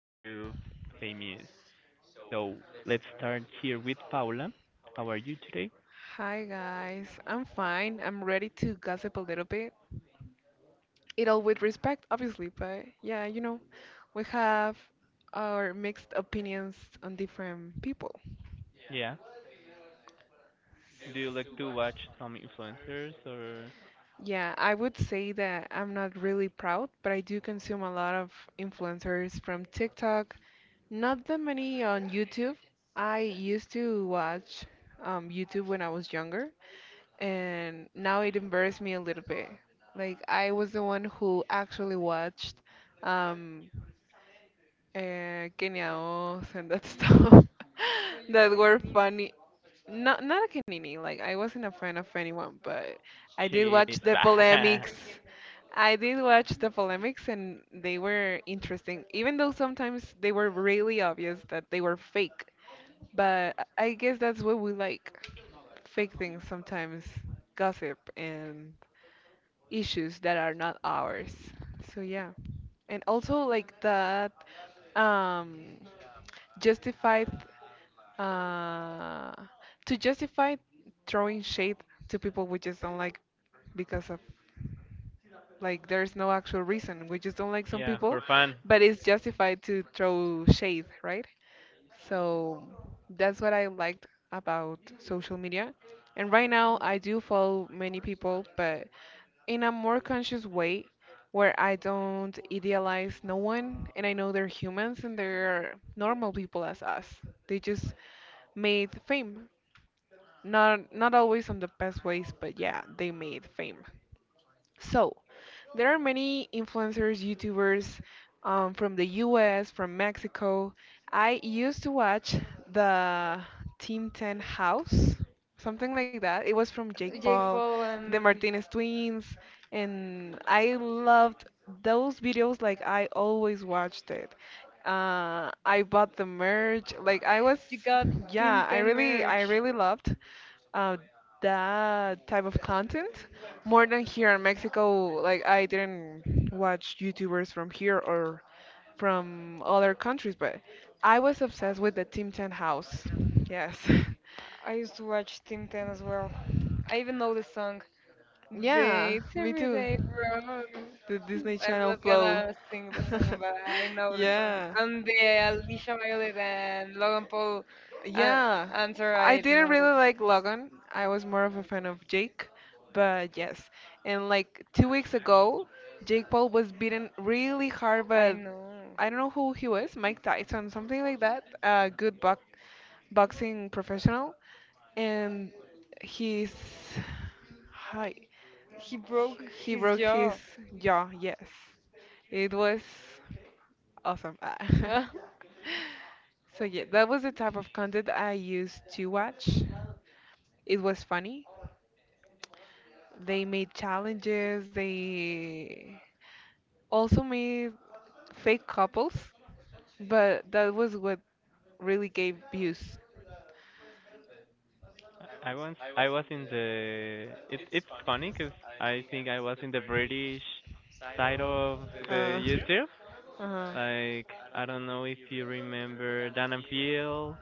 YouTube famous. So let's start here with Paula. How are you today? Hi, guys. I'm fine. I'm ready to gossip a little bit. It all with respect, obviously, but yeah, we have our mixed opinions on different people. Yeah. Do you like to watch some influencers or Yeah, I would say that I'm not really proud, but I do consume a lot of influencers from TikTok. Not that many on YouTube. I used to watch YouTube when I was younger, and now it embarrassed me a little bit. Like I was the one who actually watched um Kenya Os and that stuff that were funny. Not a Kenini, like I wasn't a fan of anyone, but I did watch she's the polemics. I did watch the polemics and they were interesting, even though sometimes they were really obvious that they were fake. But I guess that's what we like. Fake things sometimes, gossip and issues that are not ours. So yeah. And also like that um justified uh to justify throwing shade to people we just don't like because of like there's no actual reason. We just don't like some yeah, people, for fun? but it's justified to throw shade, right? So that's what I liked about social media. And right now I do follow many people, but in a more conscious way where I don't idealize no one and I know they're humans and they're normal people as us. They just made fame. Not always on the best ways, but yeah, they made fame. So there are many influencers, YouTubers from the US, from Mexico. I used to watch the Team 10 House, something like that. It was from Jake Jake Paul, Paul the and Martinez twins, and I loved those videos. Like I always watched it. I bought the merch. Like I was, you got Team yeah, I 10 really, I Marriage. really loved uh, that type of content more than here in Mexico. Like I didn't watch YouTubers from here or from other countries, but I was obsessed with the Tim Ten House. Yes. I used to watch Team 10 as well. I even know the song. Yeah, Dates me every too. day from. The Disney I'm Channel not flow. gonna sing the song, but I know the song. Yeah. And the Alicia Violet and Logan Paul uh, Yeah. answer, I I didn't know that really song. like Logan. I was more of a fan of Jake, but yes. And like 2 weeks ago, Jake Paul was beaten really hard I by know. I don't know who he was, Mike Tyson, something like that. A good bo boxing professional, and he's hi. He broke He his broke his jaw. jaw, yes. It was awesome. Ah. So yeah, that was the type of content I used to watch. It was funny. They made challenges, they also made fake couples, but that was what really gave views. I once I was in the it's funny because I think I was in the British side of the Uh, YouTube. uh, Like, I don't know if you remember Dan and Phil,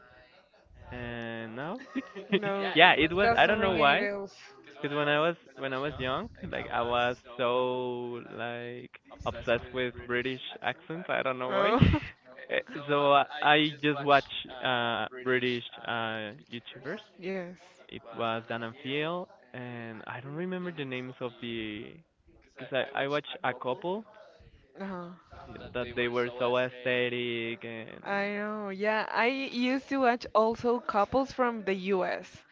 and no, no. yeah, it was. I Doesn't don't know ring any why, bells. because when I was young, like I was so, like, obsessed with British accents. I don't know why. Oh, Eh, So I just watch British YouTubers. yes. It was Dan and Phil, and I don't remember the names of the, because I watched a couple Uh-huh. that they were so aesthetic I and know, yeah. I used to watch also couples from the U. S.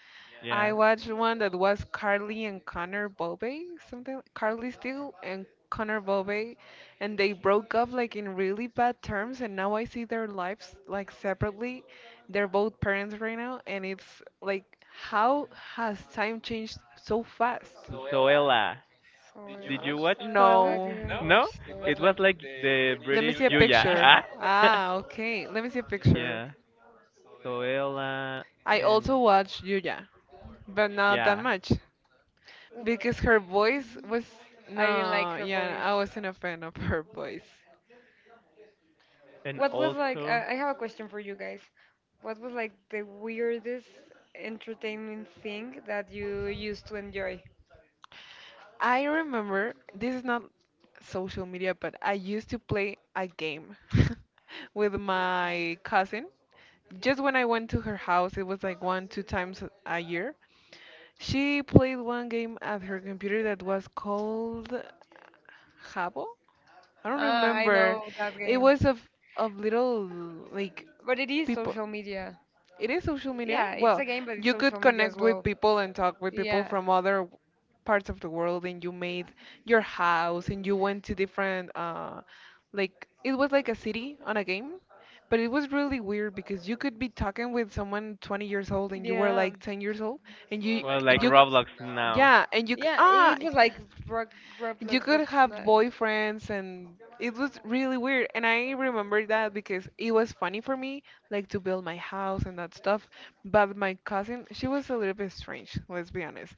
I yeah. watched one that was Carly and Connor Bobe, something Carly Steele and Connor Bobe, and they broke up like in really bad terms, and now I see their lives like separately. They're both parents right now, and it's like, how has time changed so fast? Zoella. So yeah. Did you watch Zoella? I No. didn't watch No? the It was like the Let me British see a Julia. picture. Ah, okay. Let me see a picture. yeah. Zoella I and also watched Yuya, but not that yeah. much because her voice was I didn't like no, her yeah, voice. I wasn't a fan of her voice. And What was like? also, I have a question for you guys. What was like the weirdest entertainment thing that you used to enjoy? I remember this is not social media, but I used to play a game with my cousin. Just when I went to her house, it was like one, two times a year. She played one game at her computer that was called Jabo. I don't Ah, I remember. know that It game, was of little like but it is people. social media. It is social media? Yeah, it's Well, a game, but it's you social could media as connect with well. people and talk with people Yeah. from other parts of the world, and you made your house, and you went to different, like, it was like a city on a game, but it was really weird because you could be talking with someone 20 years old and you were Yeah. like 10 years old, and well, like you, Roblox now yeah, and Yeah, it was like Rob- you Roblox, could but have not. boyfriends, and it was really weird. And I remember that because it was funny for me, like to build my house and that stuff. But my cousin, she was a little bit strange, let's be honest.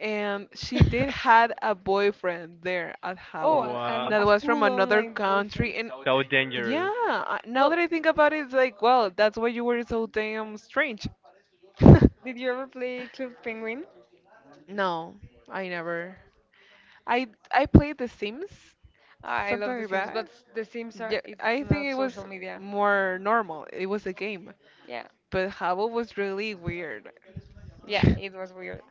And she did had a boyfriend there at Oh, Jabo and was a that was from full another online version. country. And so yeah, dangerous. Now that Well, I think about it, it's like, well, that's why you were so damn strange. did you ever play Club Penguin? No, I never. I played The Sims. I love Something The like Sims, but that? the Sims are Yeah, it's I think not it social was media. more normal. It was a game. Yeah, But Habbo was really weird. yeah, it was weird.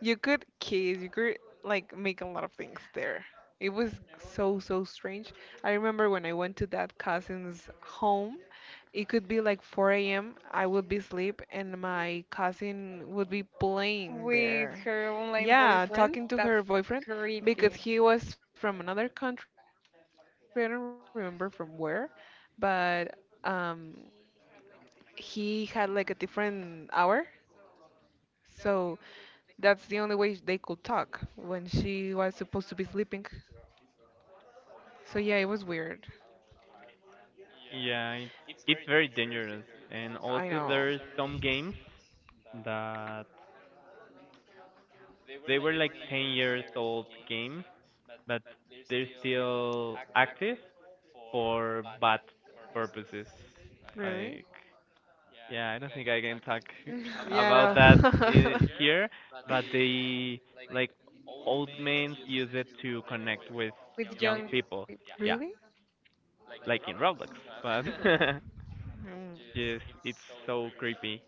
You could kiss, you could like make a lot of things there. It was so, so strange. I remember when I went to that cousin's home, it could be like 4 a.m. I would be asleep and my cousin would be playing With there. her online Yeah, boyfriend, talking to that's her boyfriend because creepy. he was from another country, I don't remember from where, but um he had like a different hour. So that's the only way they could talk when she was supposed to be sleeping. So yeah, it was weird. Yeah, it's very dangerous. I And know. also there's some games that they were like 10 years old games but they're still active for bad purposes. Really? Like, yeah, I don't think I can talk Yeah, about that I know. I here, but they, like, old mains use it to connect with With young young. people. Yeah, Really? like in Roblox, but Mm. just it's so creepy.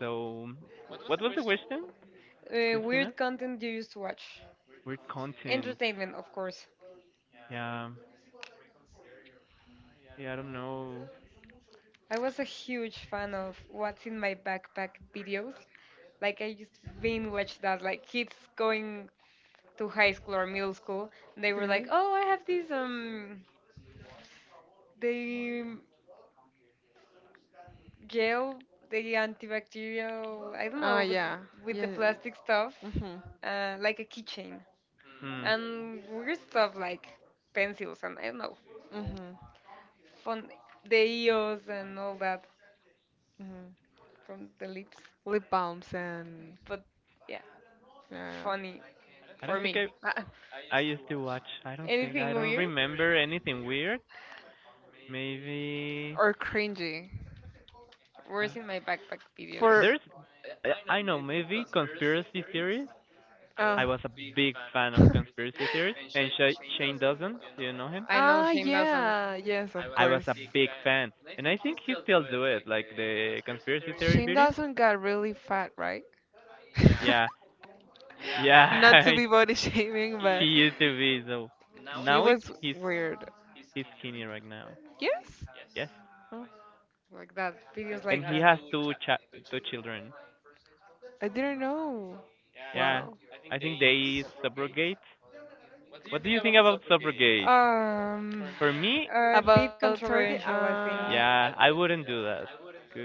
So, what was the question, Christina? Weird content you used to watch. Weird content. Entertainment, of course. Yeah, yeah, I don't know. I was a huge fan of What's in My Backpack videos. Like, I used to binge watch that. Like, kids going to high school or middle school, they were like, Really? oh, I have this, the gel, the antibacterial, I don't Ah, know, but yeah. with the Yeah. plastic stuff, Mm-hmm. Like a keychain. Hmm, And weird stuff like pencils and I don't know, Mm-hmm. fun, the EOS and all that, Mm-hmm. from the lips. Lip balms and But yeah, yeah. funny I for don't think me. I Ah, I used to watch. I don't think I anything don't weird? remember anything weird. Maybe Or cringy. Worse in my backpack For videos? there's I know, maybe conspiracy theories. Oh. I was a big fan of conspiracy theories, and Sh- Shane doesn't. Do you know him? I know Ah, Shane doesn't yeah, yes, of I was course. a big fan, and I think he still do it, like the conspiracy theory Shane videos. Dawson got really fat, right? Yeah, Not to yeah, be body shaming, he but used to be so. he Now it's was weird. he's skinny right now. Yes? Yes, Oh, like that. Videos like and he that. has two cha- two children. I didn't know. Yeah, Wow. I think they subrogate. What do you think about subrogate? Um, For About me, are surrogate? a bit controversial, I think. yeah, I wouldn't do that.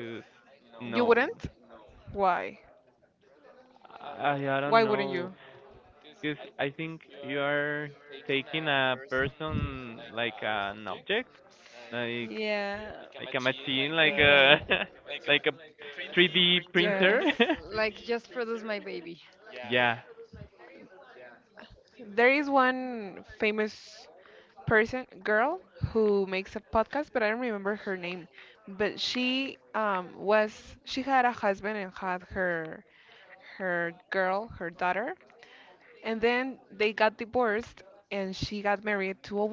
You wouldn't? no, Why? Why I wouldn't I you? don't know. Know. Cause I think you are taking a person like an object, like Mm-hmm. Yeah, like a machine, like a like a Yes. 3D printer. like just produce my baby. Yeah, There is one famous person, girl, who makes a podcast, but I don't remember her name. But she had a husband and had her girl, her daughter, and then they got divorced and she got married to a woman.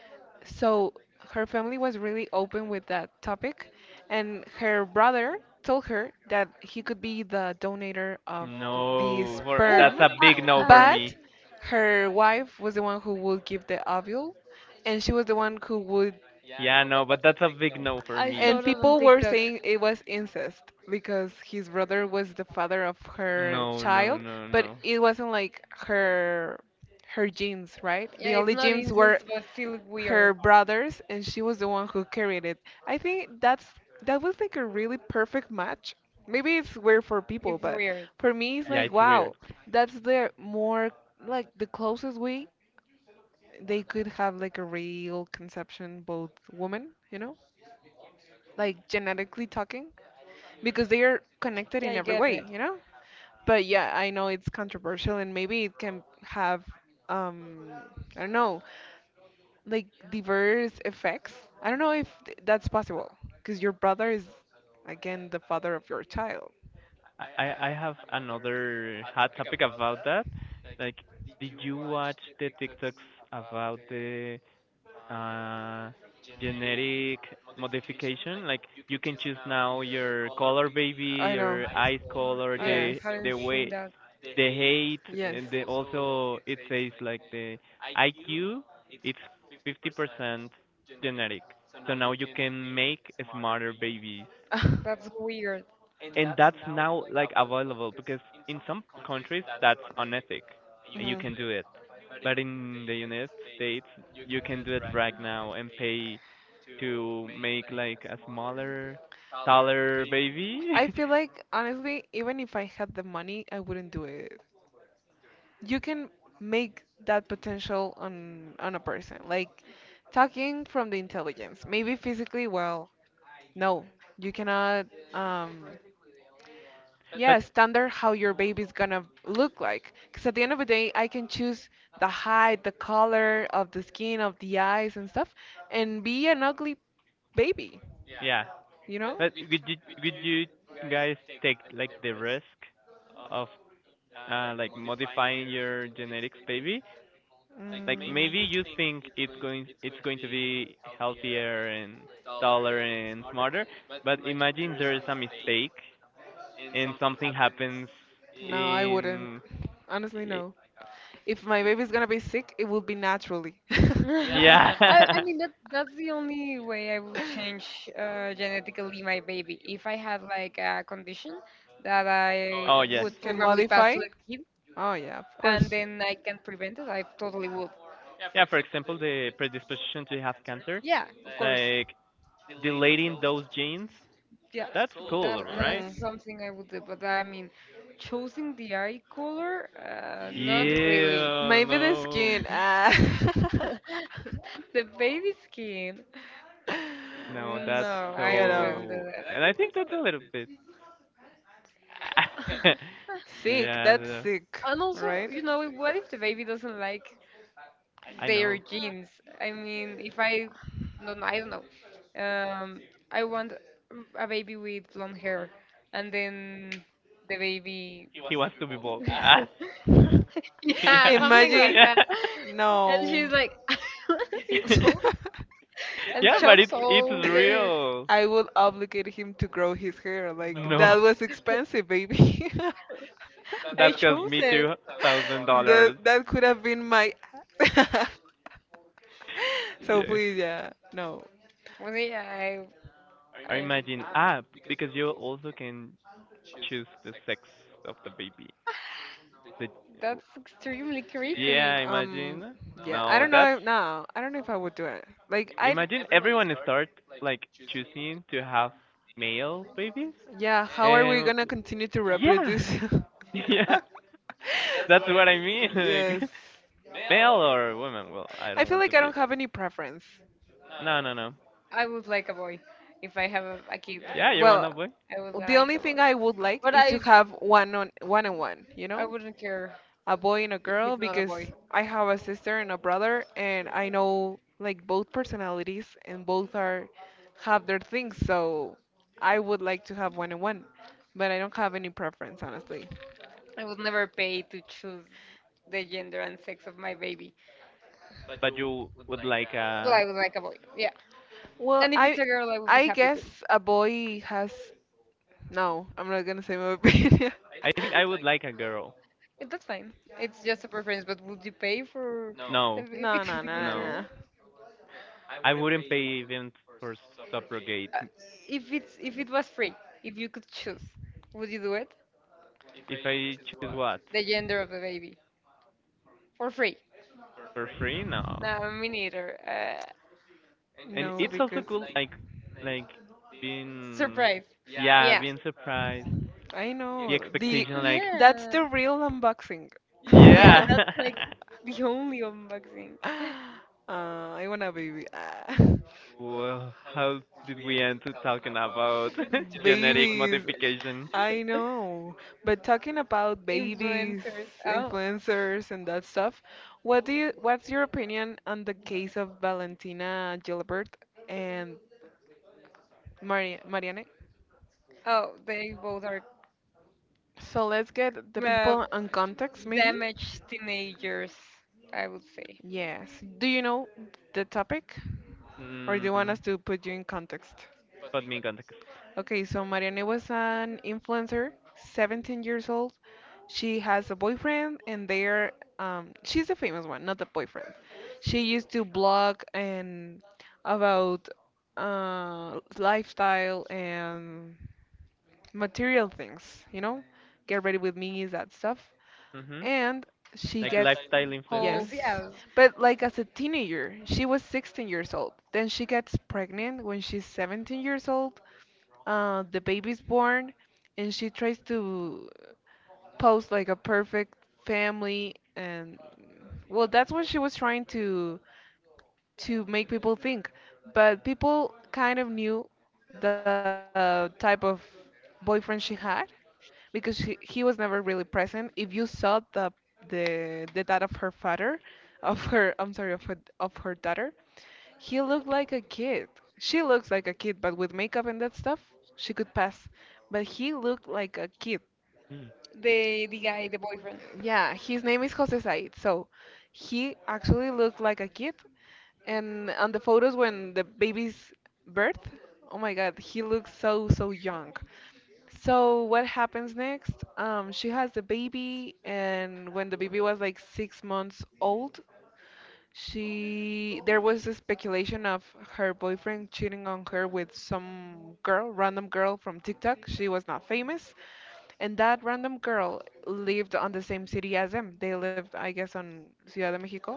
So her family was really open with that topic, and her brother told her that he could be the donator of the no, for Oh, that's sperm, a I, big no for I but me. her wife was the one who would give the ovule, and she was the one who would. Yeah, no, but that's a big no for I me. And saw that on people were TikTok. saying it was incest because his brother was the father of her No, no, child, no, but no. it wasn't like her genes, right? Yeah, The it's only not genes were incest, but still weird. her brothers and she was the one who carried it. I think that was like a really perfect match. Maybe it's weird for people, It's but weird. for me it's Yeah, like it's wow, weird. that's the more like the closest way they could have like a real conception both women, you know? Like genetically talking because they are connected Yeah, in I every get way, it. you know? But yeah, I know it's controversial and maybe it can have um I don't know, like diverse effects. I don't know if that's possible because your brother is again the father of your child. I have another hot topic about that. Like, did you watch the TikToks about the uh genetic modification? Like, you can choose now your color, baby, I know. your eyes color, I Yeah. the haven't seen way, that. the height, Yes. and the also it says like the IQ, it's 50% genetic. So now you can make smarter babies That's weird. and that's now like available because in some countries that's unethic and you Mhm. can do it, but in the United States you can do it right now and pay to make like a smaller taller baby. I feel like honestly, even if I had the money, I wouldn't do it. You can make that potential on a person, like talking from the intelligence. Maybe physically, well, no, you cannot. Um, yeah, But standard how your baby's gonna look like. Because at the end of the day, I can choose the height, the color of the skin, of the eyes, and stuff, and be an ugly baby, yeah, you know? but would you, would you guys take like the risk of like modifying your genetics baby, Mm. like maybe you think it's going to be healthier and taller and smarter, but imagine there is a mistake and something happens No, I wouldn't. in Honestly, y- no. If my baby's gonna be sick, it will be naturally. yeah. I mean that that's the only way I will change genetically my baby. If I had like a condition that oh I Oh yes. would yes, Can probably pass modify? to the kid Oh yeah, of and course. then I can prevent it, I totally would. Yeah, for example, the predisposition to have cancer, Yeah, of course. like deleting those genes, Yeah, that's cool, right? Mhm. that's something I would do. But I mean, choosing the eye color, not really. Yeah, Maybe the no. skin. Ah. The baby skin. No, No, No, that's that's no, so you I know, wouldn't good. do so weird that. and I think that's a little bit Sick. yeah, That's the sick, And also, right? you know, what if the baby doesn't like I their know. genes. I mean, if I no, no, I don't know. Um, I want a baby with blonde hair, and then the baby, He wants to be bald. Ah, yeah, yeah, something like Imagine. yeah, that. And No. she's like, I want to be bald, and yeah. But chops it's all their. real. I would obligate him to grow his hair. Like No, that was expensive, baby. I that cost chose me it. two thousand that dollars. that could have been my so Yes. please, yeah, no, Well, yeah, I, Or I, imagine ah because you also can choose the sex of the baby. The that's extremely yeah, creepy. yeah, um imagine. yeah, I No, don't that's know if, no, I don't know if I would do it, like I. imagine everyone start like choosing to have male babies Yeah, how are we and gonna continue to yeah reproduce? yeah. That's what I mean. Like Yes, male or woman. Well, I I don't feel want to like I be don't like. have any preference. No, no, no. I would like a boy if I have a kid. Yeah, you want Well, a boy, I would the like only a boy, thing I would like but is to have one on one on one, you I know? wouldn't care A boy and a if girl it's not a because boy. I have a sister and a brother and I know like both personalities and both are have their things, so I would like to have one on one, but I don't have any preference honestly. I would never pay to choose the gender and sex of my baby. but you would like But a. I would like a boy. Yeah. Well, And if it's I a girl, I would be I happy guess too. a boy has no, I'm not gonna say my opinion. I think I would like a girl. Yeah, that's fine. It's just a preference. But would you pay for the No, baby No, to no, be a no, no. no, girl? I wouldn't pay even for subrogate. Uh, if it's if it was free, if you could choose, would you do it? If I choose what The gender of the baby for free? for free, no. No, me neither. And no. No, it's also because cool, like being, Surprise. yeah, Yeah. being surprised. I The know the expectation, like, that's Yeah. the real unboxing. Yeah. yeah. That's like the only unboxing. I want a baby. Ah. Well, how did we end to talking about genetic Babies. modification? I know. But talking about babies, Influencers. Oh, influencers, and that stuff, what's your opinion on the case of Valentina Gilbert and Mari Marianne? oh, they both are So let's get the uh, people on context, maybe. damaged teenagers, I would say. Yes. Do you know the topic or do you want Mm, us to put you in context? put me in context. Okay, so Marianne was an influencer, 17 years old. She has a boyfriend and they're she's the famous one, not the boyfriend. She used to blog and about lifestyle and material things, you know? Get ready with me, that stuff. Mm-hmm. And she Like gets lifestyle Holes, influencer? yes. yes. But like as a teenager she was 16 years old, then she gets pregnant when she's 17 years old. The baby's born and she tries to post like a perfect family. And well, that's what she was trying to make people think, but people kind of knew the type of boyfriend she had, because he was never really present. If you saw the the dad of her father, of her, I'm sorry, of her, of her daughter, he looked like a kid. She looks like a kid, but with makeup and that stuff, she could pass. But he looked like a kid. Mm. The guy, the boyfriend. Yeah, his name is Jose Said. So he actually looked like a kid. And on the photos when the baby's birth, oh my God, he looks so, so young. So what happens next? She has the baby, and when the baby was like 6 months old, she there was a speculation of her boyfriend cheating on her with some girl, random girl from TikTok. She was not famous, and that random girl lived on the same city as them. They lived, I guess, on Ciudad de Mexico.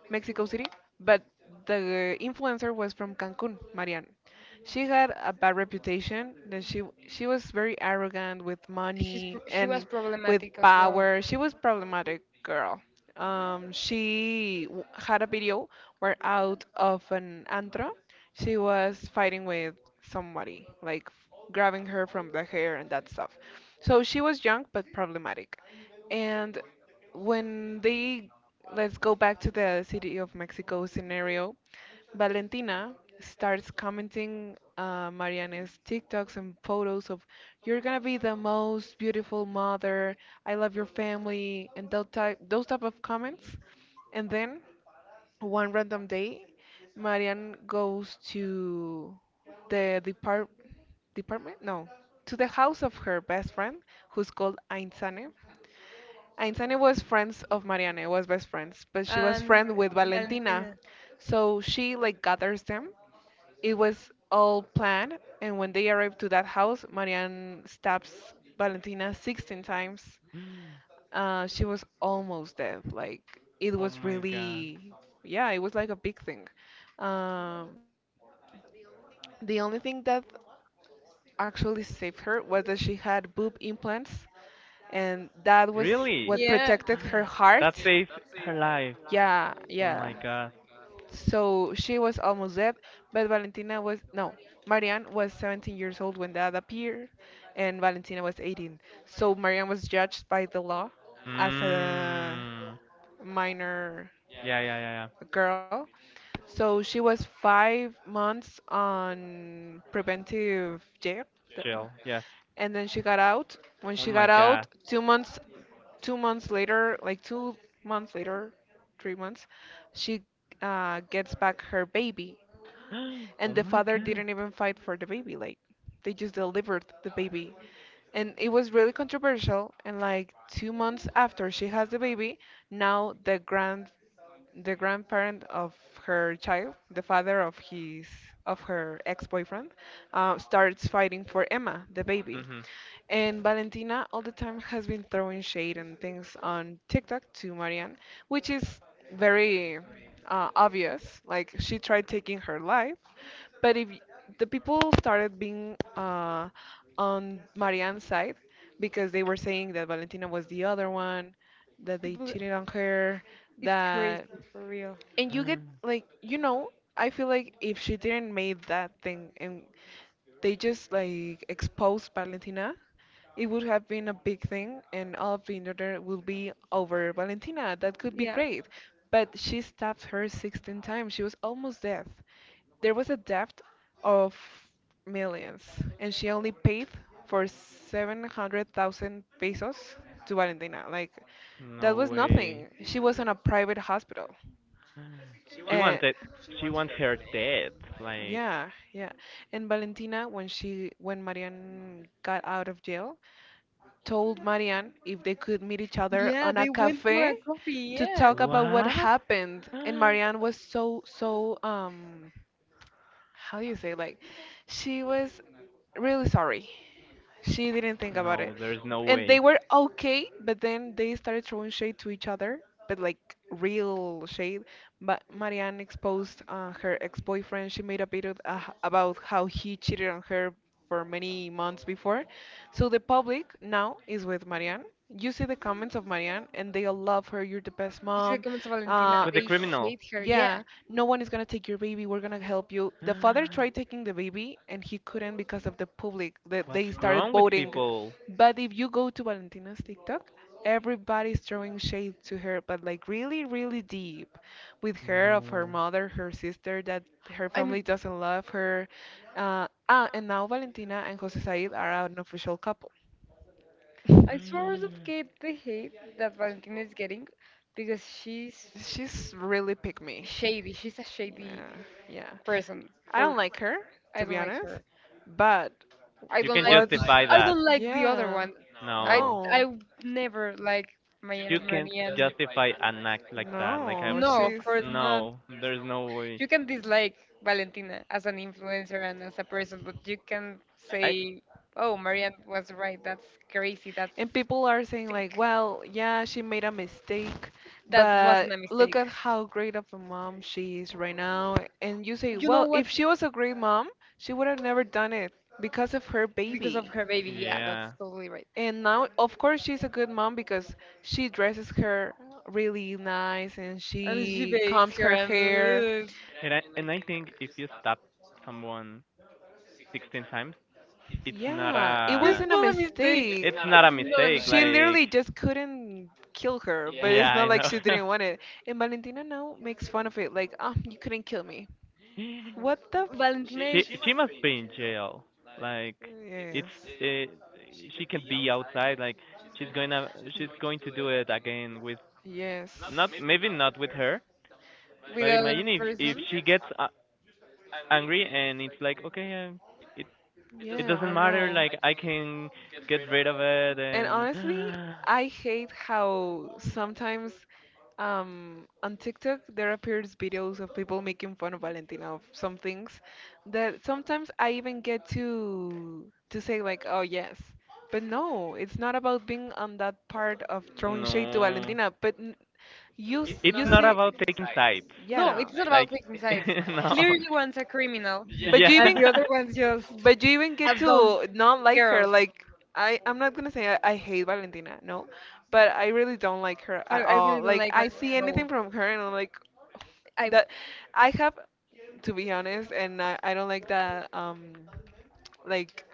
Mexico City, but the influencer was from Cancun, Marianne. She had a bad reputation that she was very arrogant with She's money she was and with problematic as well. power. She was problematic girl. Had a video where out of an antro, she was fighting with somebody, like grabbing her from the hair and that stuff. So she was young but problematic. And when they let's go back to the City of Mexico scenario. Valentina starts commenting Mariane's TikToks and photos of, you're gonna be the most beautiful mother, I love your family, and those type of comments. And then, one random day, Marianne goes to the depart department? No, to the house of her best friend, who's called Ainsane. Ainzane was friends of Marianne, was best friends, but she was And friend with Valentina. Valentina. So she like gathers them. It was all planned, and when they arrived to that house, Marianne stabs Valentina 16 times. Mm. She was almost dead. It Oh was my god. really, yeah, it was like a big thing. Um, the only thing that actually saved her was that she had boob implants, and that was what Really? protected Yeah, her heart. That saves her life. Yeah, Oh yeah. my god. So she was almost dead, but Valentina was no, Marianne was 17 years old when that appeared, and Valentina was 18. So Marianne was judged by the law as a Mm. minor Yeah, yeah, yeah, yeah. girl. So she was 5 months on preventive jail, the- Jill, yes. and then she got out. When Oh she my got out, god. 2 months later, 3 months, she gets back her baby. Oh And the my father god. didn't even fight for the baby. Like, they just delivered the baby. And it was really controversial. And like 2 months after she has the baby, now the grandparent of her child, the father of his, of her ex-boyfriend, starts fighting for Emma, the baby. Mm-hmm. And Valentina all the time has been throwing shade and things on TikTok to Marianne, which is very obvious. Like she tried taking her life, but if y- the people started being on Marianne's side, because they were saying that Valentina was the other one, that they people cheated on her, is crazy that for real. and you get like you know I feel like if she didn't made that thing and they just like exposed Valentina, it would have been a big thing and all of the internet will be over Valentina. That could be Yeah, great. But she stabbed her 16 times. She was almost dead. There was a debt of millions, and she only paid for 700,000 pesos to Valentina. Like that No was way. nothing. She was in a private hospital. Mm. She Uh, wanted she want her dead. Like yeah, yeah. And Valentina, when Marianne got out of jail, told Marianne if they could meet each other yeah, on a they went for cafe a coffee. to Yeah, talk about what what? happened. And Marianne was so, so how do you say, like, she was really sorry, she didn't think about it. No, there's no And they way. were okay, but then they started throwing shade to each other, but like real shade. But Marianne exposed her ex-boyfriend. She made a video about how he cheated on her for many months before. So the public now is with Marianne. You see the comments of Marianne, and they all love her. You're the best you see the mom. comments of Valentina. Uh, With the They criminal. hate her. Yeah, yeah, no one is gonna take your baby. We're gonna help you. The father tried taking the baby and he couldn't because of the public that What's they started wrong with voting. people? But if you go to Valentina's TikTok, everybody's throwing shade to her, but like really, really deep with her, of her No. mother, her sister, that her I family mean, doesn't love her. And now Valentina and Jose Said are an official couple. I swear, of You Kate, the hate that Valentina is getting because she's She's really pick me. shady. She's a shady Yeah, yeah. person. I don't For like her, I to be don't like honest. her. But I don't can like what's the justify I that. don't like the other yeah. one. I No. I No. never like my You can't Marianne. justify an act like that. Like I, No, No, of she's course not. no, there's no way. You can dislike Valentina as an influencer and as a person, but you can I say, "Oh, Marianne was right. That's crazy. That's and people are saying like, sick. well, yeah, she made a mistake, That but wasn't a look mistake." at how great of a mom she is right now. And you say, You know well, if what's she was a great mom, she would have never done it because of her because of baby. her baby? Yeah, that's yeah. totally right. And now, of course, she's a good mom because she dresses her really nice and And she she baits combs her, her hair. and And I think if you stab someone 16 times, it's not Yeah, it it's a wasn't a not a mistake. It's mistake. it's not not a not a mistake. She mistake. Like literally just couldn't kill her, but yeah, it's I not like know. she didn't want it. And Valentina now makes fun of it, like, oh, you couldn't kill me. she What the? She Valentina is she must be in jail. Like, it's F uh she can be outside. Like, she's gonna she's going to do it again with yes. not maybe not with Yes. her, with but it's other imagine if person. she gets angry and it's like okay, it it Yeah, doesn't I matter. know. Like I can get rid of it And and honestly, I hate how sometimes on TikTok there appears videos of people making fun of Valentina of some things, that sometimes I even get to say like, oh yes, but no, it's not about being on that part of throwing shade to no, Valentina. It's You not see, about taking sides. yeah, No, no. it's not about Like taking sides. no, Clearly, one's a criminal, But you yeah. and even, the other one's just but you even a get dumb to not like girl. her. Like I'm not gonna say I hate Valentina, no, but I really don't like her I, at I really all. don't Like like I Valentina see at all. anything from her and I'm like I that. I have to be honest, and I don't like that. Like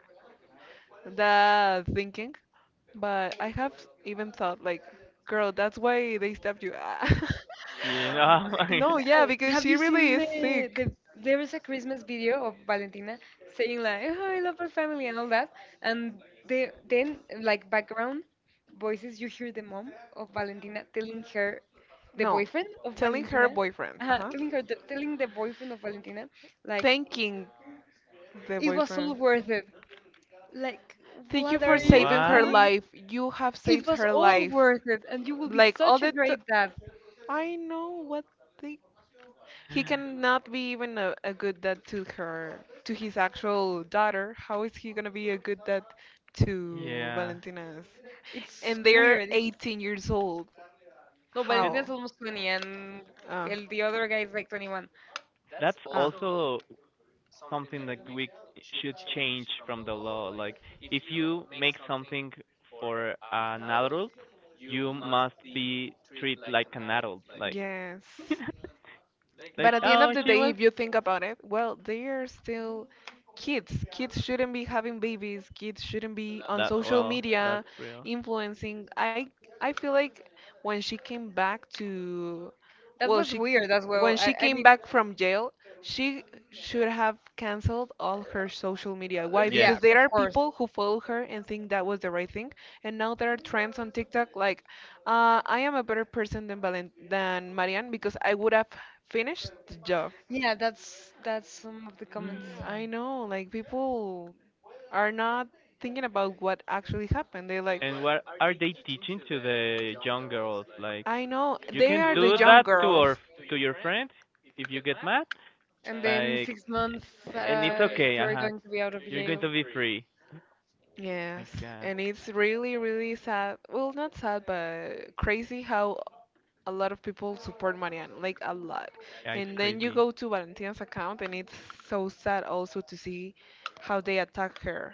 that thinking. But I have even thought like, girl, that's why they stabbed you. You know, No, yeah, because have she you really seen is sick. the there is a Christmas video of Valentina saying like oh, I love her family and all that and they, then like background voices you hear the mom of Valentina telling her the No, boyfriend of telling her Valentina boyfriend, uh-huh, telling her the, telling the boyfriend of Valentina like thanking the it was boyfriend. all worth it like Thank you what for are you saving her What? saying life. You have it saved was her all life. worth it and you will be Like all such a the t- great dad I know what they he cannot be even a good dad to her, to his actual daughter. How is he gonna be a good dad to Yeah. Valentina's? it's And they're weird. 18 years old. No, And How? Valentina's almost 20, and Ah. el, the other guy is like 21. that's Ah. also something that we should change from the law. Like, if you make something for an adult, you must be treated like an adult. Like, Yes, but like, at the end of oh, the she day, was if you think about it, well, they are still kids. Kids shouldn't be having babies. Kids shouldn't be on that. social Well, media that's real. influencing. I feel like when she came back to, That well, was she weird as well. when she I came mean, back from jail, she should have canceled all her social media. Why? Yes. yeah, Because there of are course. people who follow her and think that was the right thing, and now there are trends on TikTok like I am a better person than Valen than Marianne because I would have finish the job. Yeah, that's some of the comments. I Mm. know, like people are not thinking about what actually happened. They're like, And what are they teaching to the young girls? Like, I know, you they can are the do young that to our girls. to your friend if you get mad. And then Like, 6 months, and it's uh, okay, uh you're huh. going to be out of You're going jail. to be free. Oh Yes, my God, and it's really, really sad. Well, not sad, but crazy how a lot of people support Marianne, like a lot. yeah, it's And then you crazy go to Valentina's account, and it's so sad also to see how they attack her.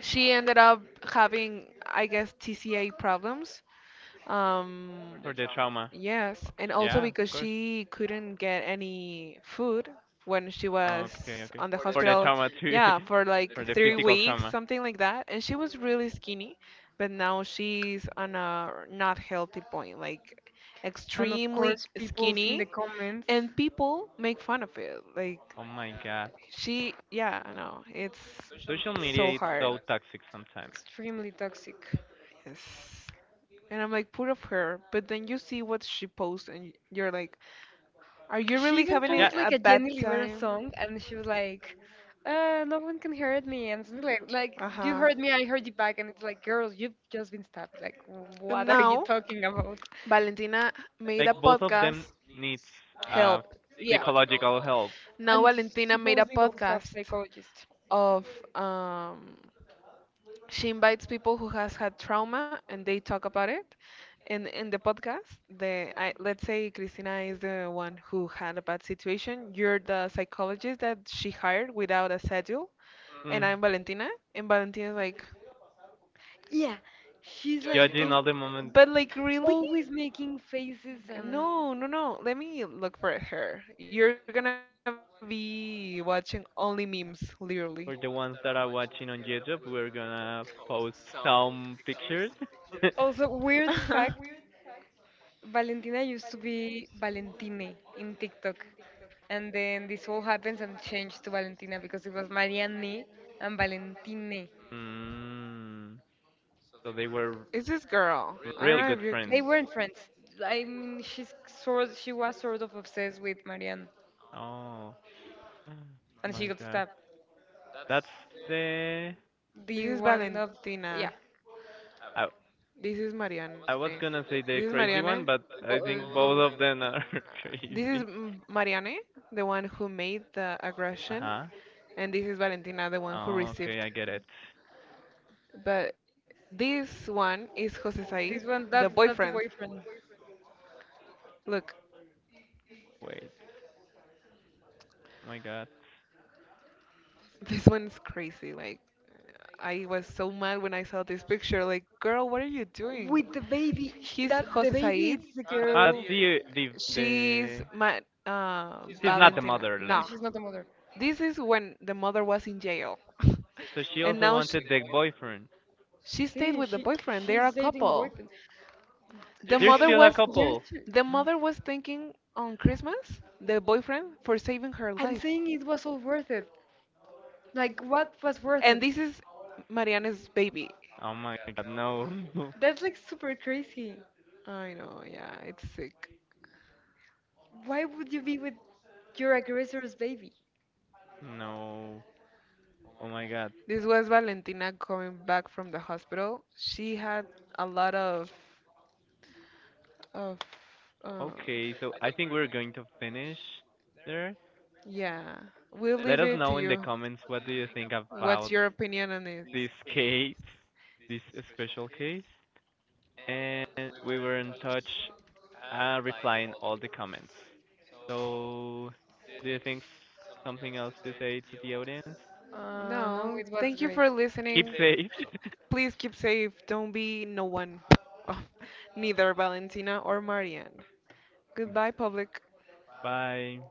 She ended up having, I guess, TCA problems. Um, for the trauma. yes, and also Yeah, of because course. she couldn't get any food when she Okay, was okay. on the For the hospital. trauma too, Yeah, for for like the three physical weeks, trauma. something like that. And she was really skinny, but now she's on a not healthy point, like And of extremely course, people's in the skinny, comments, and people make fun of it. Like Oh my God, she, yeah, I know. It's social so media is hard. so toxic sometimes. extremely toxic. Yes. And I'm like, put of her. But then you see what she posts, and you're like, are you She really even having Yeah, posed a like a bad Jenny Rivera time? song, and she was like, "No one can hurt me," and something like, "Like Uh you huh. heard me, I heard you back," and it's like, "Girl, you've just been stabbed. Like, And what are you now, talking about?" Valentina made like a both of them podcast. needs uh Help. Yeah, psychological help. Now, and Valentina made a supposedly both have podcast psychologists. of um, she invites people who has had trauma, and they talk about it. In the podcast, the I, let's say Christina is the one who had a bad situation. You're the psychologist that she hired without a schedule, and Mm. I'm Valentina. And Valentina's like, Yeah, she's like Judging "And- all the moment but like really? always making faces and No, no, no." Let me look for her. You're gonna be watching only memes, literally. for the ones that are watching on YouTube, we're gonna post some pictures. also weird fact. Valentina used to be Valentine in TikTok. And then this all happens and changed to Valentina because it was Marianne and Valentine. Mm. So they were It's this girl. I don't know really if you good can. friends. They weren't friends. I mean, she's sort she was sort of obsessed with Marianne, Oh, oh and she my got God. stabbed. That's the This The is one of yeah, Valentina. I This is I Marianne. was gonna This say is the Marianne. crazy one, but I bo- uh, think both bo- of them are crazy. Marianne, the one who made the aggression, Uh-huh. and this is Valentina, the one who Oh, received. okay, I get it. But this one is Jose Said, this the one boyfriend. that's the boyfriend Look, Wait. Oh my God. this one's crazy. Like, I was so mad when I saw this picture. Like, girl, what are you doing? with the baby. Sh He's that the Jose baby, Said. it's the Ah, girl. that's the the She's the Ma- she's not the Valentina. mother, like. No, She's not the mother. this is when the mother was in jail. So she And also wanted the boyfriend. she stayed See, with the boyfriend. They are she's a dating the couple. boyfriend. The They're mother still a was Yes, couple. the mother was thinking on Christmas, the boyfriend for saving her and life. saying it was all worth it. Like, what was worth And it? this is Mariana's baby. Oh my God, no. That's like super crazy. I know, yeah, it's sick. Why would you be with your aggressor's baby? No. Oh my God. This was Valentina coming back from the hospital. She had a lot of of uh, Okay, so I think we're going to finish there. yeah, we'll Let leave us it to know in the you. comments what do you think What's about your opinion on it? this case, this special case, and we were in touch replying all the comments. So, do you think something else to say to the audience? No, No, it was thank you for great. Keep listening. safe. Please keep safe. Don't be no one. Neither Valentina or Marianne. Goodbye, public. Bye.